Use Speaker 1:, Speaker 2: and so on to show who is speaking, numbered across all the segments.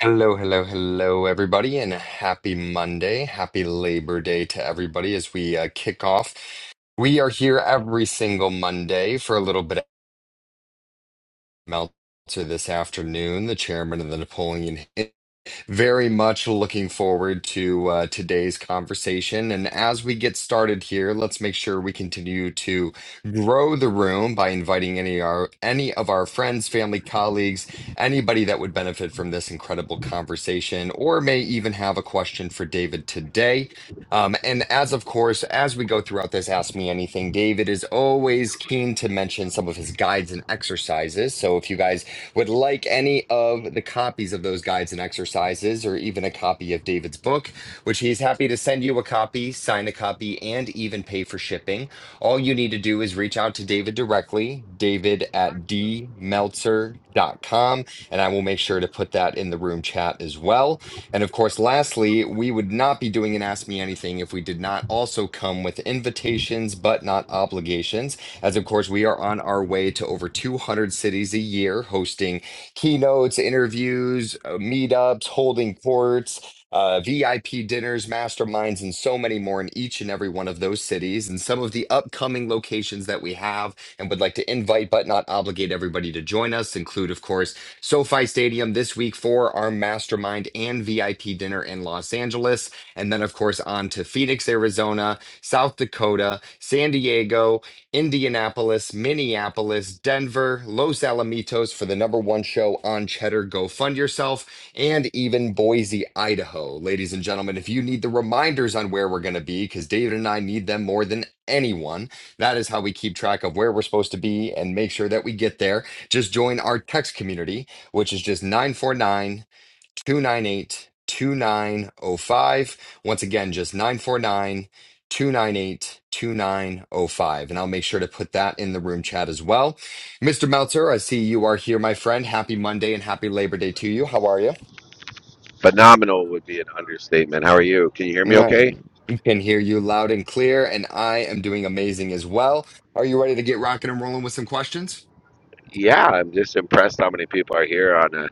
Speaker 1: Hello, hello, hello, everybody, and happy Monday. Happy Labor Day to everybody as we uh, kick off. We are here every single Monday for a little bit of Meltzer this afternoon, the chairman of the Napoleon Hill very much looking forward to uh, today's conversation. And as we get started here, let's make sure we continue to grow the room by inviting any our any of our friends, family, colleagues, anybody that would benefit from this incredible conversation, or may even have a question for David today. Um, and as of course, as we go throughout this Ask Me Anything, David is always keen to mention some of his guides and exercises. So if you guys would like any of the copies of those guides and exercises, or even a copy of David's book, which he's happy to send you a copy, sign a copy, and even pay for shipping, all you need to do is reach out to David directly, david at d meltzer dot com, and I will make sure to put that in the room chat as well. And of course, lastly, we would not be doing an Ask Me Anything if we did not also come with invitations, but not obligations. As of course, we are on our way to over 200 cities a year, hosting keynotes, interviews, uh, meetups, holding courts. Uh, VIP dinners, masterminds, and so many more in each and every one of those cities, and some of the upcoming locations that we have and would like to invite but not obligate everybody to join us include, of course, SoFi Stadium this week for our mastermind and VIP dinner in Los Angeles. And then, of course, on to Phoenix, Arizona, South Dakota, San Diego. Indianapolis, Minneapolis, Denver, Los Alamitos for the number one show on Cheddar Go Fund Yourself, and even Boise, Idaho. Ladies and gentlemen, if you need the reminders on where we're going to be, because David and I need them more than anyone, that is how we keep track of where we're supposed to be and make sure that we get there. Just join our text community, which is just 949. 298 2905. Once again, just 949 298 2905, And I'll make sure to put that in the room chat as well. Mr. Meltzer, I see you are here, my friend. Happy Monday and happy Labor Day to you. How are you?
Speaker 2: Phenomenal would be an understatement. How are you? Can you hear me
Speaker 1: I
Speaker 2: okay?
Speaker 1: can hear you loud and clear, and I am doing amazing as well. Are you ready to get rocking and rolling with some questions?
Speaker 2: Yeah, I'm just impressed how many people are here on a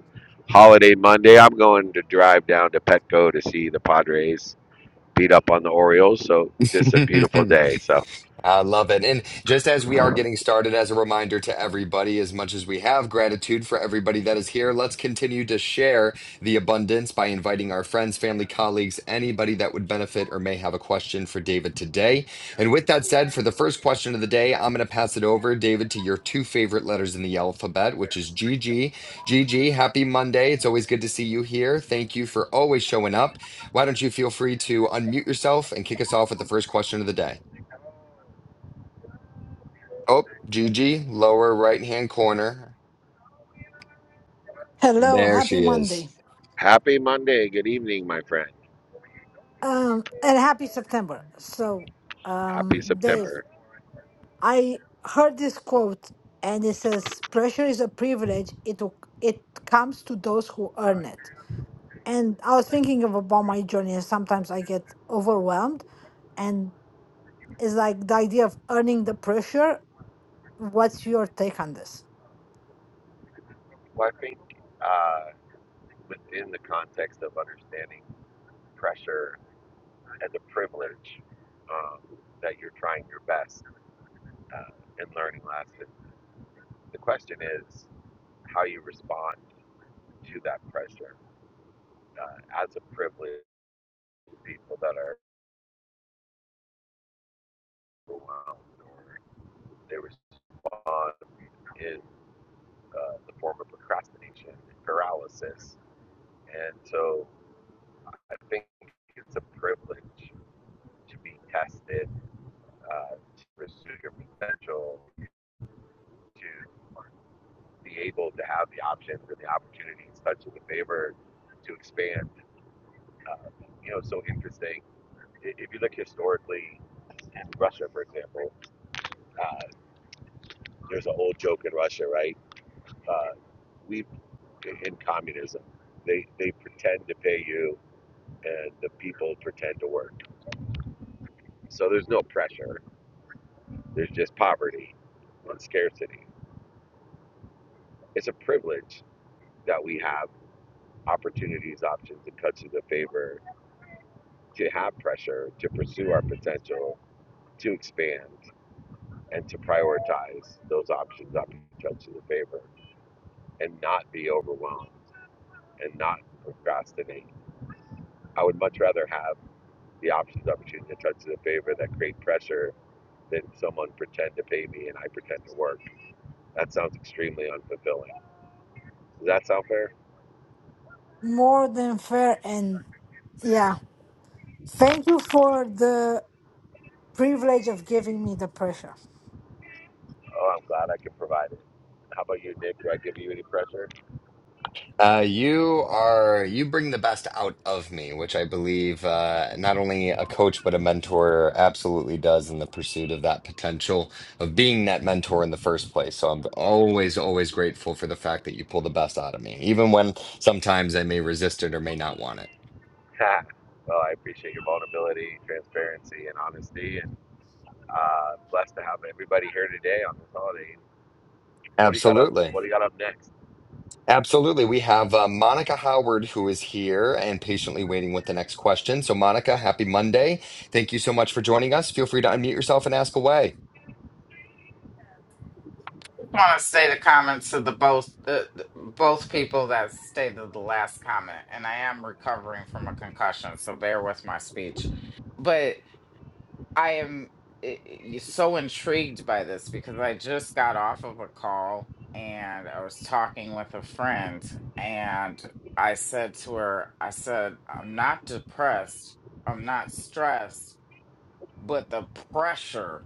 Speaker 2: holiday Monday. I'm going to drive down to Petco to see the Padres beat up on the Orioles. So, just a beautiful day. So,
Speaker 1: I love it. And just as we are getting started, as a reminder to everybody, as much as we have gratitude for everybody that is here, let's continue to share the abundance by inviting our friends, family, colleagues, anybody that would benefit or may have a question for David today. And with that said, for the first question of the day, I'm going to pass it over, David, to your two favorite letters in the alphabet, which is G G. G G. happy Monday. It's always good to see you here. Thank you for always showing up. Why don't you feel free to unmute yourself and kick us off with the first question of the day? Oh, Juji, lower right-hand corner.
Speaker 3: Hello,
Speaker 1: There
Speaker 3: happy
Speaker 1: she is.
Speaker 3: Monday.
Speaker 2: happy Monday. Good evening, my friend.
Speaker 3: Um and happy September. So, um
Speaker 2: Happy
Speaker 3: Dave,
Speaker 2: September.
Speaker 3: I heard this quote and it says pressure is a privilege. It will- it comes to those who earn it. And I was thinking of about my journey and sometimes I get overwhelmed and it's like the idea of earning the pressure. What's your take on this? More than fair and yeah. Thank you for the privilege of giving me the pressure.
Speaker 1: Uh, you are you bring the best out of me, which I believe uh, not only a coach but a mentor absolutely does in the pursuit of that potential of being that mentor in the first place. So I'm always, always grateful for the fact that you pull the best out of me, even when sometimes I may resist it or may not want it. Absolutely. Absolutely. We have uh, Monica Howard who is here and patiently waiting with the next question. So, Monica, happy Monday. Thank you so much for joining us. Feel free to unmute yourself and ask away.
Speaker 4: I want to state the comments of the both uh, both people that stated the last comment, and I am recovering from a concussion, so bear with my speech. But I am eh, eh, so intrigued by this because I just got off of a call and I was talking with a friend, and I said to her, "I said I'm not depressed, I'm not stressed, but the pressure."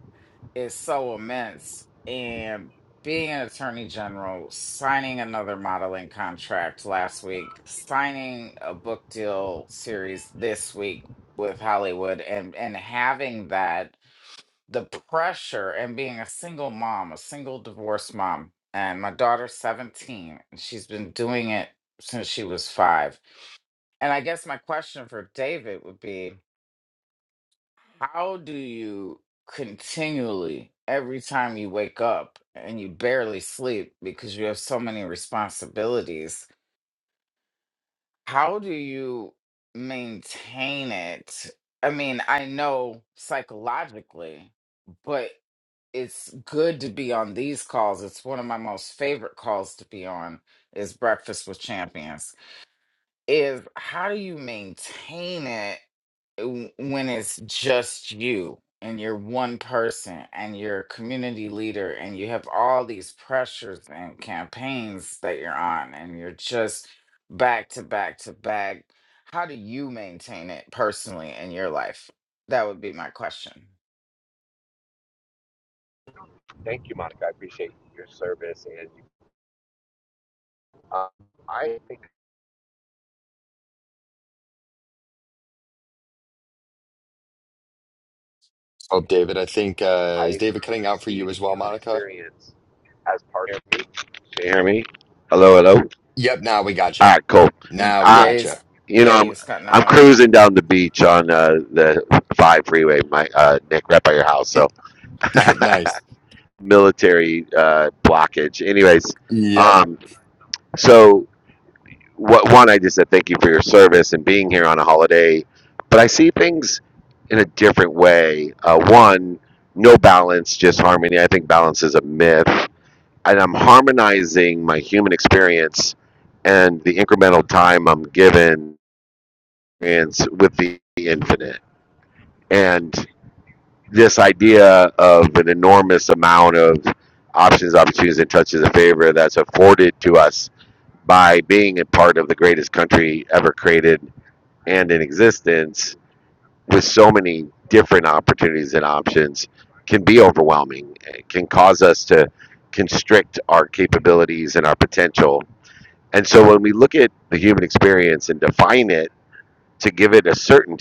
Speaker 4: is so immense and being an attorney general signing another modeling contract last week signing a book deal series this week with hollywood and and having that the pressure and being a single mom a single divorced mom and my daughter's 17 and she's been doing it since she was five and i guess my question for david would be how do you continually, every time you wake up and you barely sleep because you have so many responsibilities, how do you maintain it? I mean, I know psychologically, but it's good to be on these calls. It's one of my most favorite calls to be on is Breakfast with Champions. Is how do you maintain it w- when it's just you and you're one person and you're a community leader and you have all these pressures and campaigns that you're on and you're just back to back to back how do you maintain it personally in your life that would be my question
Speaker 1: Oh, David, I think, uh, is David cutting out for you as well, Monica?
Speaker 2: Can you hear me? Hello, hello. All
Speaker 1: Yep, now we got you.
Speaker 2: right, cool.
Speaker 4: Mm,
Speaker 1: Now we
Speaker 2: I,
Speaker 4: yeah
Speaker 1: got you.
Speaker 4: he's,
Speaker 2: you know,
Speaker 4: yeah he
Speaker 2: I'm
Speaker 4: was cutting
Speaker 2: I'm
Speaker 4: out
Speaker 2: cruising down the beach on uh, the five freeway, my uh, Nick, right by your house. So
Speaker 1: Nice.
Speaker 2: military uh, blockage. Anyways,
Speaker 1: Yep.
Speaker 2: um, so what, one, I just said thank you for your service and being here on a holiday, but I see things in a different way. Uh, one, no balance, just harmony. I think balance is a myth, and I'm harmonizing my human experience and the incremental time I'm given experience with the infinite. and this idea of an enormous amount of options, opportunities, and touches of favor that's afforded to us by being a part of the greatest country ever created and in existence with so many different opportunities and options can be overwhelming. It can cause us to constrict our capabilities and our potential. And so when we look at the human experience and define it to give it a certain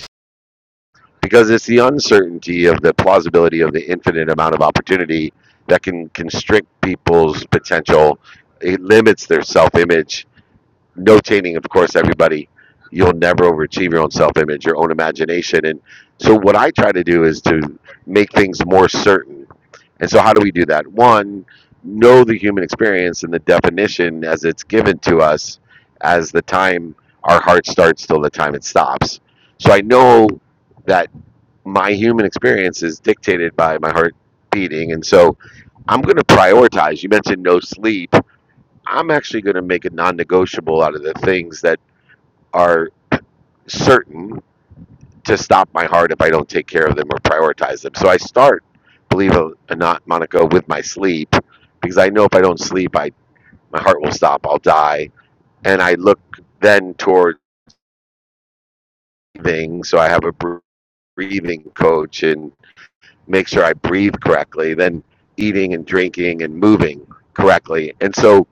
Speaker 2: because it's the uncertainty of the plausibility of the infinite amount of opportunity that can constrict people's potential. It limits their self image. Notating, of course, everybody, you'll never overachieve your own self image, your own imagination. And so, what I try to do is to make things more certain. And so, how do we do that? One, know the human experience and the definition as it's given to us as the time our heart starts till the time it stops. So, I know that my human experience is dictated by my heart beating. And so I'm going to prioritize. You mentioned no sleep. I'm actually going to make it non negotiable out of the things that are certain to stop my heart if I don't take care of them or prioritize them. So I start, believe it or not, Monica, with my sleep because I know if I don't sleep, I my heart will stop. I'll die. And I look then toward breathing. So I have a breathing coach and make sure I breathe correctly, then eating and drinking and moving correctly. And so,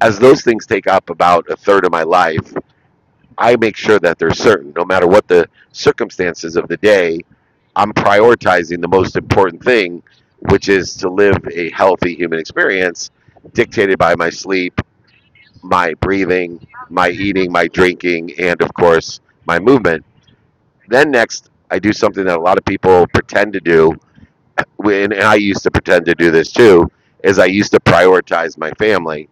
Speaker 2: as those things take up about a third of my life, I make sure that they're certain, no matter what the circumstances of the day, I'm prioritizing the most important thing, which is to live a healthy human experience dictated by my sleep, my breathing, my eating, my drinking, and of course, my movement. Then, next, I do something that a lot of people pretend to do when and I used to pretend to do this too, is I used to prioritize my family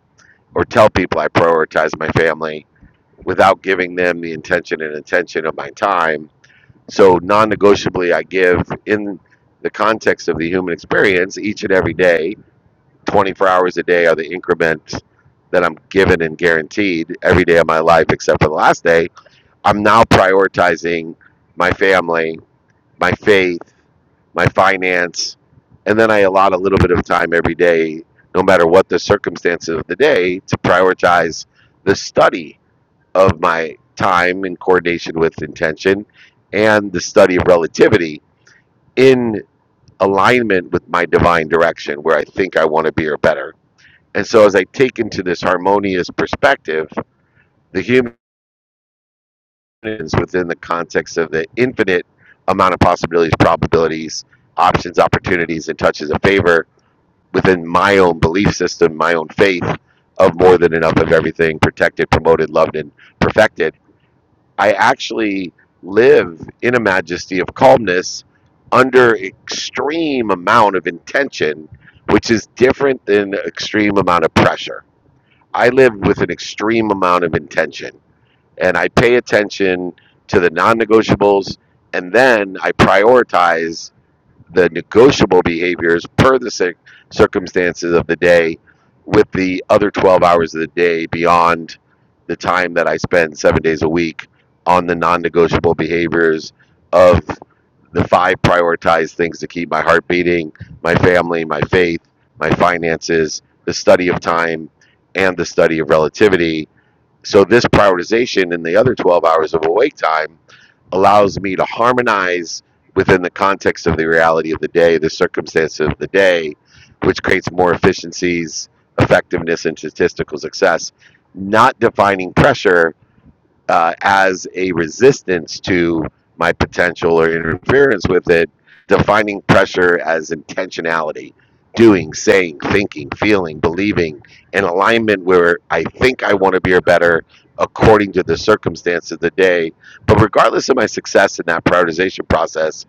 Speaker 2: or tell people I prioritize my family without giving them the intention and attention of my time. So non negotiably I give in the context of the human experience each and every day, twenty four hours a day are the increments that I'm given and guaranteed every day of my life except for the last day. I'm now prioritizing my family, my faith my finance, and then I allot a little bit of time every day, no matter what the circumstances of the day, to prioritize the study of my time in coordination with intention and the study of relativity in alignment with my divine direction where I think I want to be or better. And so as I take into this harmonious perspective, the human is within the context of the infinite amount of possibilities, probabilities, options, opportunities, and touches of favor within my own belief system, my own faith of more than enough of everything protected, promoted, loved, and perfected, I actually live in a majesty of calmness under extreme amount of intention, which is different than extreme amount of pressure. I live with an extreme amount of intention and I pay attention to the non negotiables and then I prioritize the negotiable behaviors per the cir- circumstances of the day with the other 12 hours of the day beyond the time that I spend seven days a week on the non negotiable behaviors of the five prioritized things to keep my heart beating my family, my faith, my finances, the study of time, and the study of relativity. So, this prioritization in the other 12 hours of awake time allows me to harmonize within the context of the reality of the day, the circumstances of the day, which creates more efficiencies, effectiveness, and statistical success. Not defining pressure uh, as a resistance to my potential or interference with it, defining pressure as intentionality, doing, saying, thinking, feeling, believing, in alignment where I think I want to be or better according to the circumstance of the day. But regardless of my success in that prioritization process,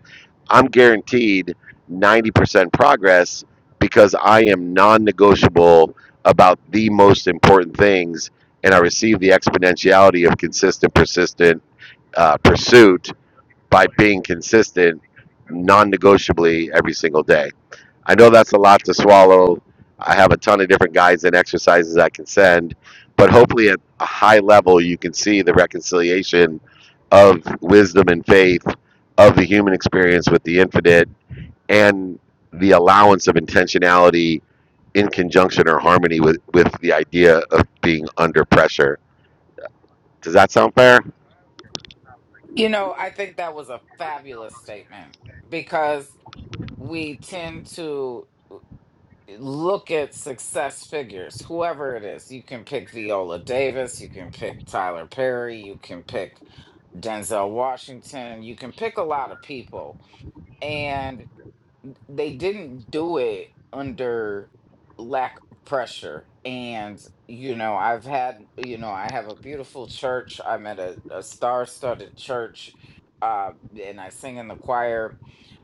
Speaker 2: I'm guaranteed 90% progress because I am non negotiable about the most important things. And I receive the exponentiality of consistent, persistent uh, pursuit by being consistent non negotiably every single day. I know that's a lot to swallow. I have a ton of different guides and exercises I can send, but hopefully at a high level, you can see the reconciliation of wisdom and faith, of the human experience with the infinite and the allowance of intentionality in conjunction or harmony with, with the idea of being under pressure. Does that sound fair?
Speaker 4: you know i think that was a fabulous statement because we tend to look at success figures, whoever it is. You can pick Viola Davis, you can pick Tyler Perry, you can pick Denzel Washington, you can pick a lot of people. and they didn't do it under lack of pressure and you know i've had you know i have a beautiful church i'm at a, a star-studded church uh and i sing in the choir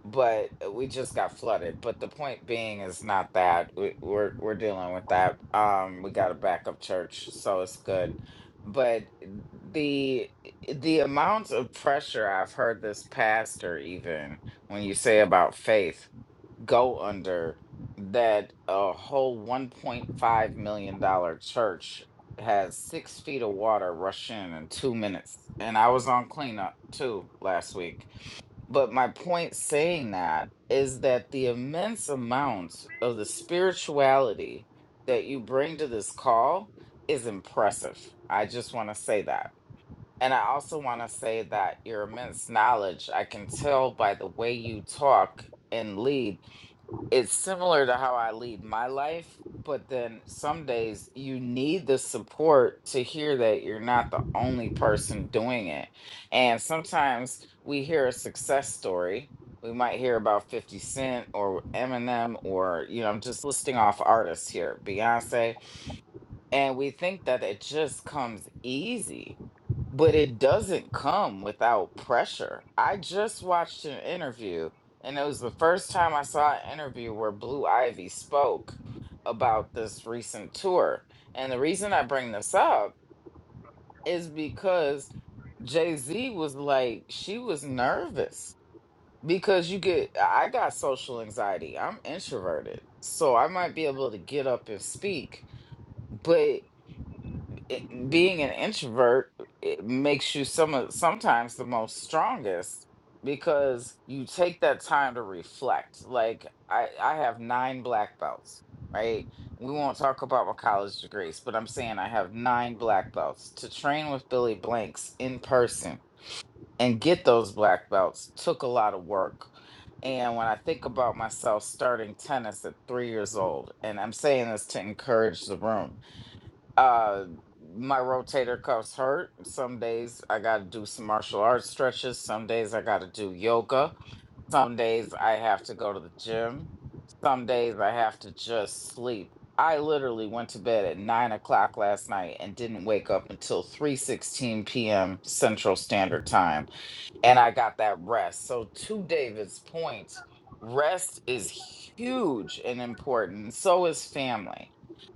Speaker 4: but uh, we just got flooded but the point being is not that we, we're we're dealing with that um we got a backup church so it's good but the the amount of pressure i've heard this pastor even when you say about faith go under that a whole $1.5 million dollar church has six feet of water rush in in two minutes. And I was on cleanup too last week. But my point saying that is that the immense amount of the spirituality that you bring to this call is impressive. I just want to say that. And I also want to say that your immense knowledge, I can tell by the way you talk and lead it's similar to how I lead my life, but then some days you need the support to hear that you're not the only person doing it. And sometimes we hear a success story. We might hear about 50 Cent or Eminem or, you know, I'm just listing off artists here, Beyonce. And we think that it just comes easy, but it doesn't come without pressure. I just watched an interview, and it was the first time I saw an interview where Blue Ivy spoke about this recent tour. And the reason I bring this up is because Jay Z was like, she was nervous because you get, I got social anxiety. I'm introverted, so I might be able to get up and speak. But it- being an introvert it makes you some of sometimes the most strongest because you take that time to reflect like i i have nine black belts right we won't talk about my college degrees but i'm saying i have nine black belts to train with billy blanks in person and get those black belts took a lot of work and when i think about myself starting tennis at three years old and i'm saying this to encourage the room uh my rotator cuffs hurt some days i gotta do some martial arts stretches some days i gotta do yoga some days i have to go to the gym some days i have to just sleep i literally went to bed at 9 o'clock last night and didn't wake up until 3.16 p.m central standard time and I got that rest. So, to David's point, rest is huge and important. So is family.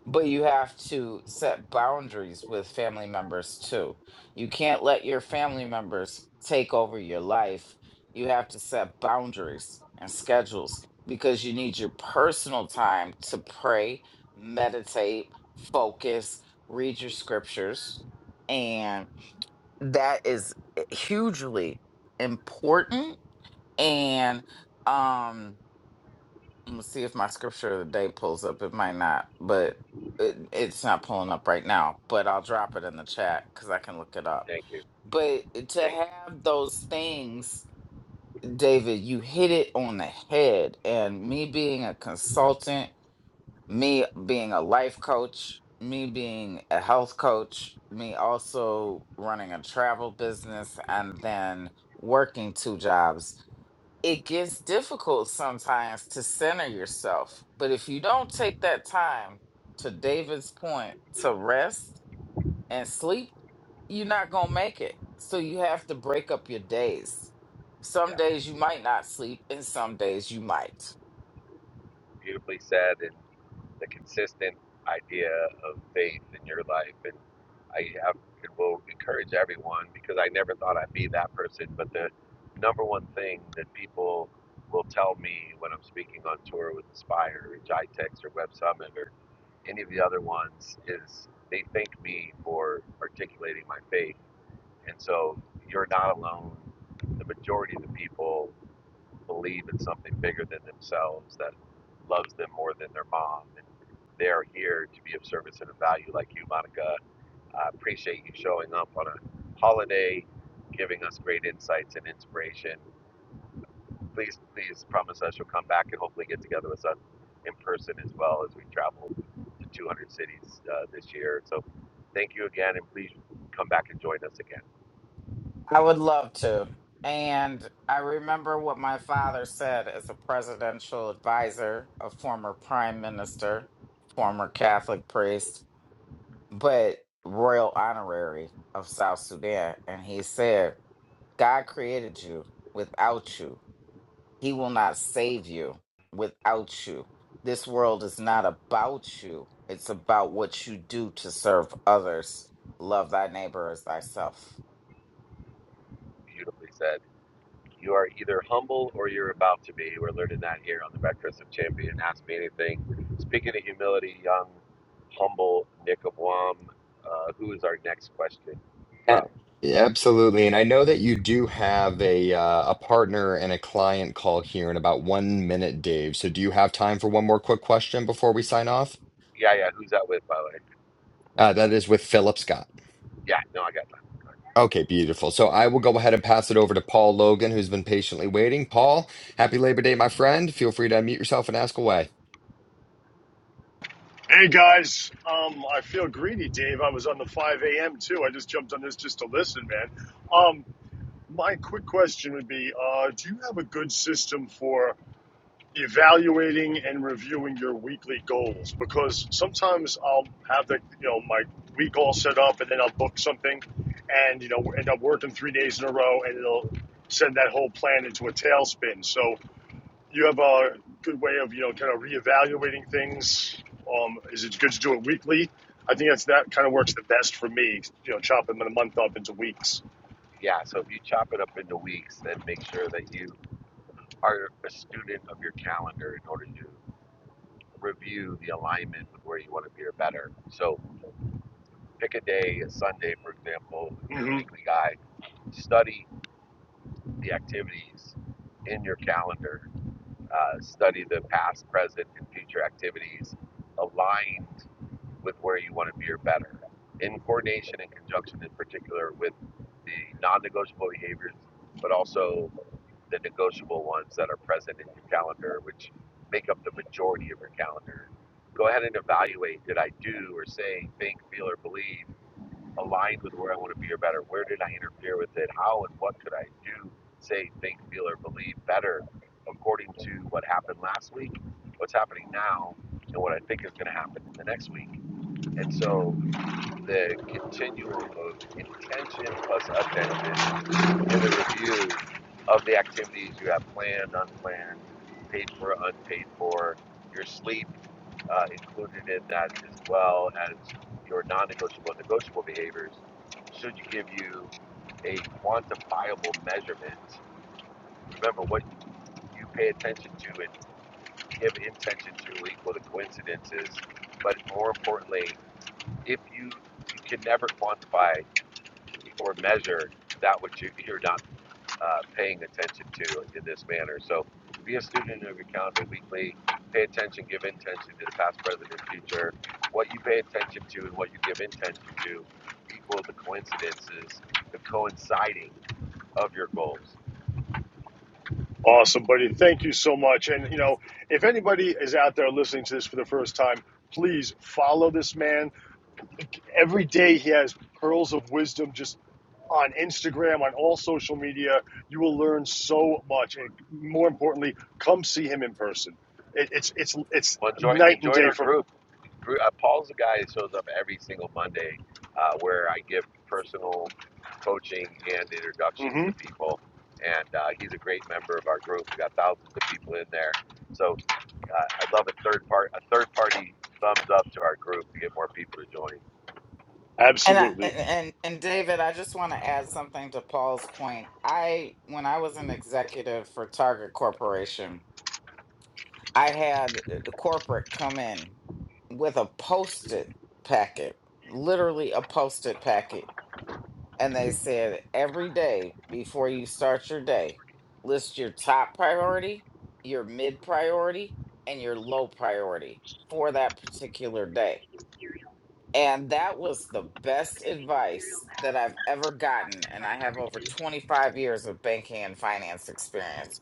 Speaker 4: But you have to set boundaries with family members too. You can't let your family members take over your life. You have to set boundaries and schedules because you need your personal time to pray, meditate, focus, read your scriptures, and that is eh, hugely important. And um, I'm see if my scripture of the day pulls up. It might not, but it, it's not pulling up right now. But I'll drop it in the chat because I can look it up. But to have those things, David, you hit it on the head. And me being a consultant me being a life coach, me being a health coach, me also running a travel business and then working two jobs, it gets difficult sometimes to center yourself. But if you don't take that time, to David's point, to rest and sleep, you're not going to make it. So you have to break up your days. Some days you might not sleep, and some days you might. I would love to. And I remember what my father said as a presidential advisor, a former prime minister, former Catholic priest, but royal honorary of South Sudan. And he said, God created you without you. He will not save you without you. This world is not about you, it's about what you do to serve others. Love thy neighbor as thyself.
Speaker 1: A- Absolutely. And I know that you do have a uh, a partner and a client call here in about one minute, Dave. So do you have time for one more quick question before we sign off? Uh, that is with Philip Scott. Okay, beautiful. So I will go ahead and pass it over to Paul Logan, who's been patiently waiting. Paul, happy Labor Day, my friend. Feel free to unmute yourself and ask away.
Speaker 5: Hey guys, um, I feel greedy, Dave. I was on the 5 a.m. too. I just jumped on this just to listen, man. Um, my quick question would be uh, Do you have a good system for evaluating and reviewing your weekly goals? Because sometimes I'll have the, you know, my week all set up and then I'll book something and, you know, end up working three days in a row and it'll send that whole plan into a tailspin. So you have a good way of you know kind of reevaluating things. Um, is it good to do it weekly? I think that's that kind of works the best for me. You know, chopping the month up into weeks. mm hmm Awesome, buddy. Thank you so much. And you know, if anybody is out there listening to this for the first time, please follow this man. every day he has pearls of wisdom just on Instagram, on all social media. You will learn so much, and more importantly, come see him in person. It, it's it's it's night and day from. hmm
Speaker 4: And I, and
Speaker 5: Absolutely.
Speaker 4: and and David, I just want to add something to Paul's point. I when I was an executive for Target Corporation, I had uh, the corporate come in with a post-it packet, literally a post-it packet, and they said every day before you start your day, list your top priority, your mid priority, and your low priority for that particular day and that was the best advice that I've ever gotten. And I have over 25 years of banking and finance experience.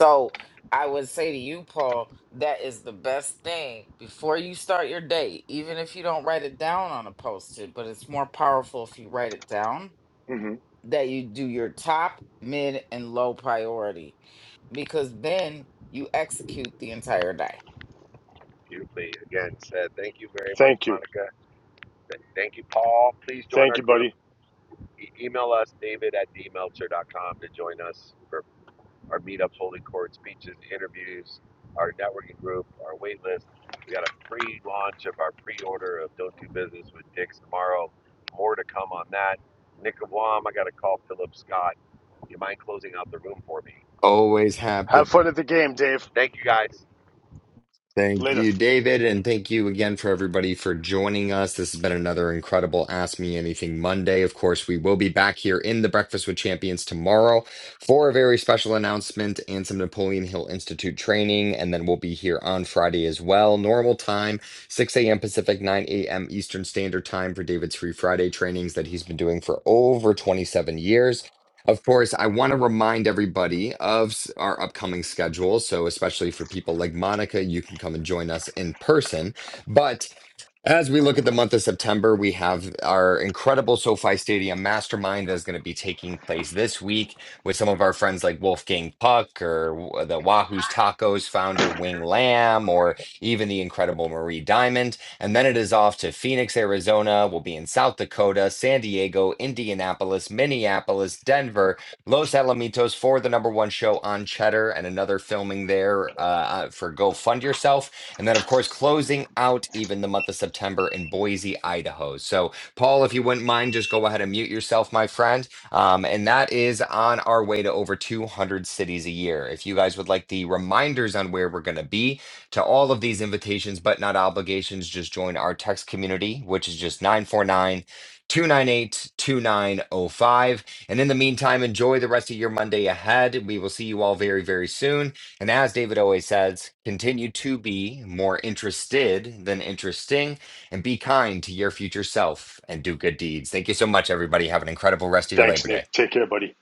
Speaker 4: So I would say to you, Paul, that is the best thing before you start your day, even if you don't write it down on a post it, but it's more powerful if you write it down,
Speaker 5: hmm
Speaker 4: that you do your top, mid, and low priority, because then you execute the entire day.
Speaker 5: Thank you. Thank you, buddy.
Speaker 1: Always happy
Speaker 5: Have fun at the game, Dave.
Speaker 1: Thank
Speaker 5: Later.
Speaker 1: you, David, and thank you again for everybody for joining us. This has been another incredible Ask Me Anything Monday. Of course, we will be back here in the Breakfast with Champions tomorrow for a very special announcement and some Napoleon Hill Institute training. And then we'll be here on Friday as well. Normal time, 6 a.m. Pacific, 9 a.m. Eastern Standard Time for David's free Friday trainings that he's been doing for over 27 years. Of course, I want to remind everybody of s- our upcoming schedule. So, especially for people like Monica, you can come and join us in person. But as we look at the month of September, we have our incredible SoFi Stadium Mastermind that is going to be taking place this week with some of our friends like Wolfgang Puck or the Wahoo's Tacos founder Wing Lam or even the incredible Marie Diamond. And then it is off to Phoenix, Arizona. We'll be in South Dakota, San Diego, Indianapolis, Minneapolis, Denver, Los Alamitos for the number one show on Cheddar and another filming there uh, uh, for Go Fund Yourself. And then, of course, closing out even the month of September in Boise, Idaho. So, Paul, if you wouldn't mind, just go ahead and mute yourself, my friend. Um, and that is on our way to over 200 cities a year. If you guys would like the reminders on where we're going to be to all of these invitations, but not obligations, just join our text community, which is just 949 298 2905. And in the meantime, enjoy the rest of your Monday ahead. We will see you all very, very soon. And as David always says, continue to be more interested than interesting and be kind to your future self and do good deeds. Thank you so much, everybody. Have an incredible rest of your
Speaker 5: Thanks,
Speaker 1: Labor Day.
Speaker 5: Nick. Take care, buddy.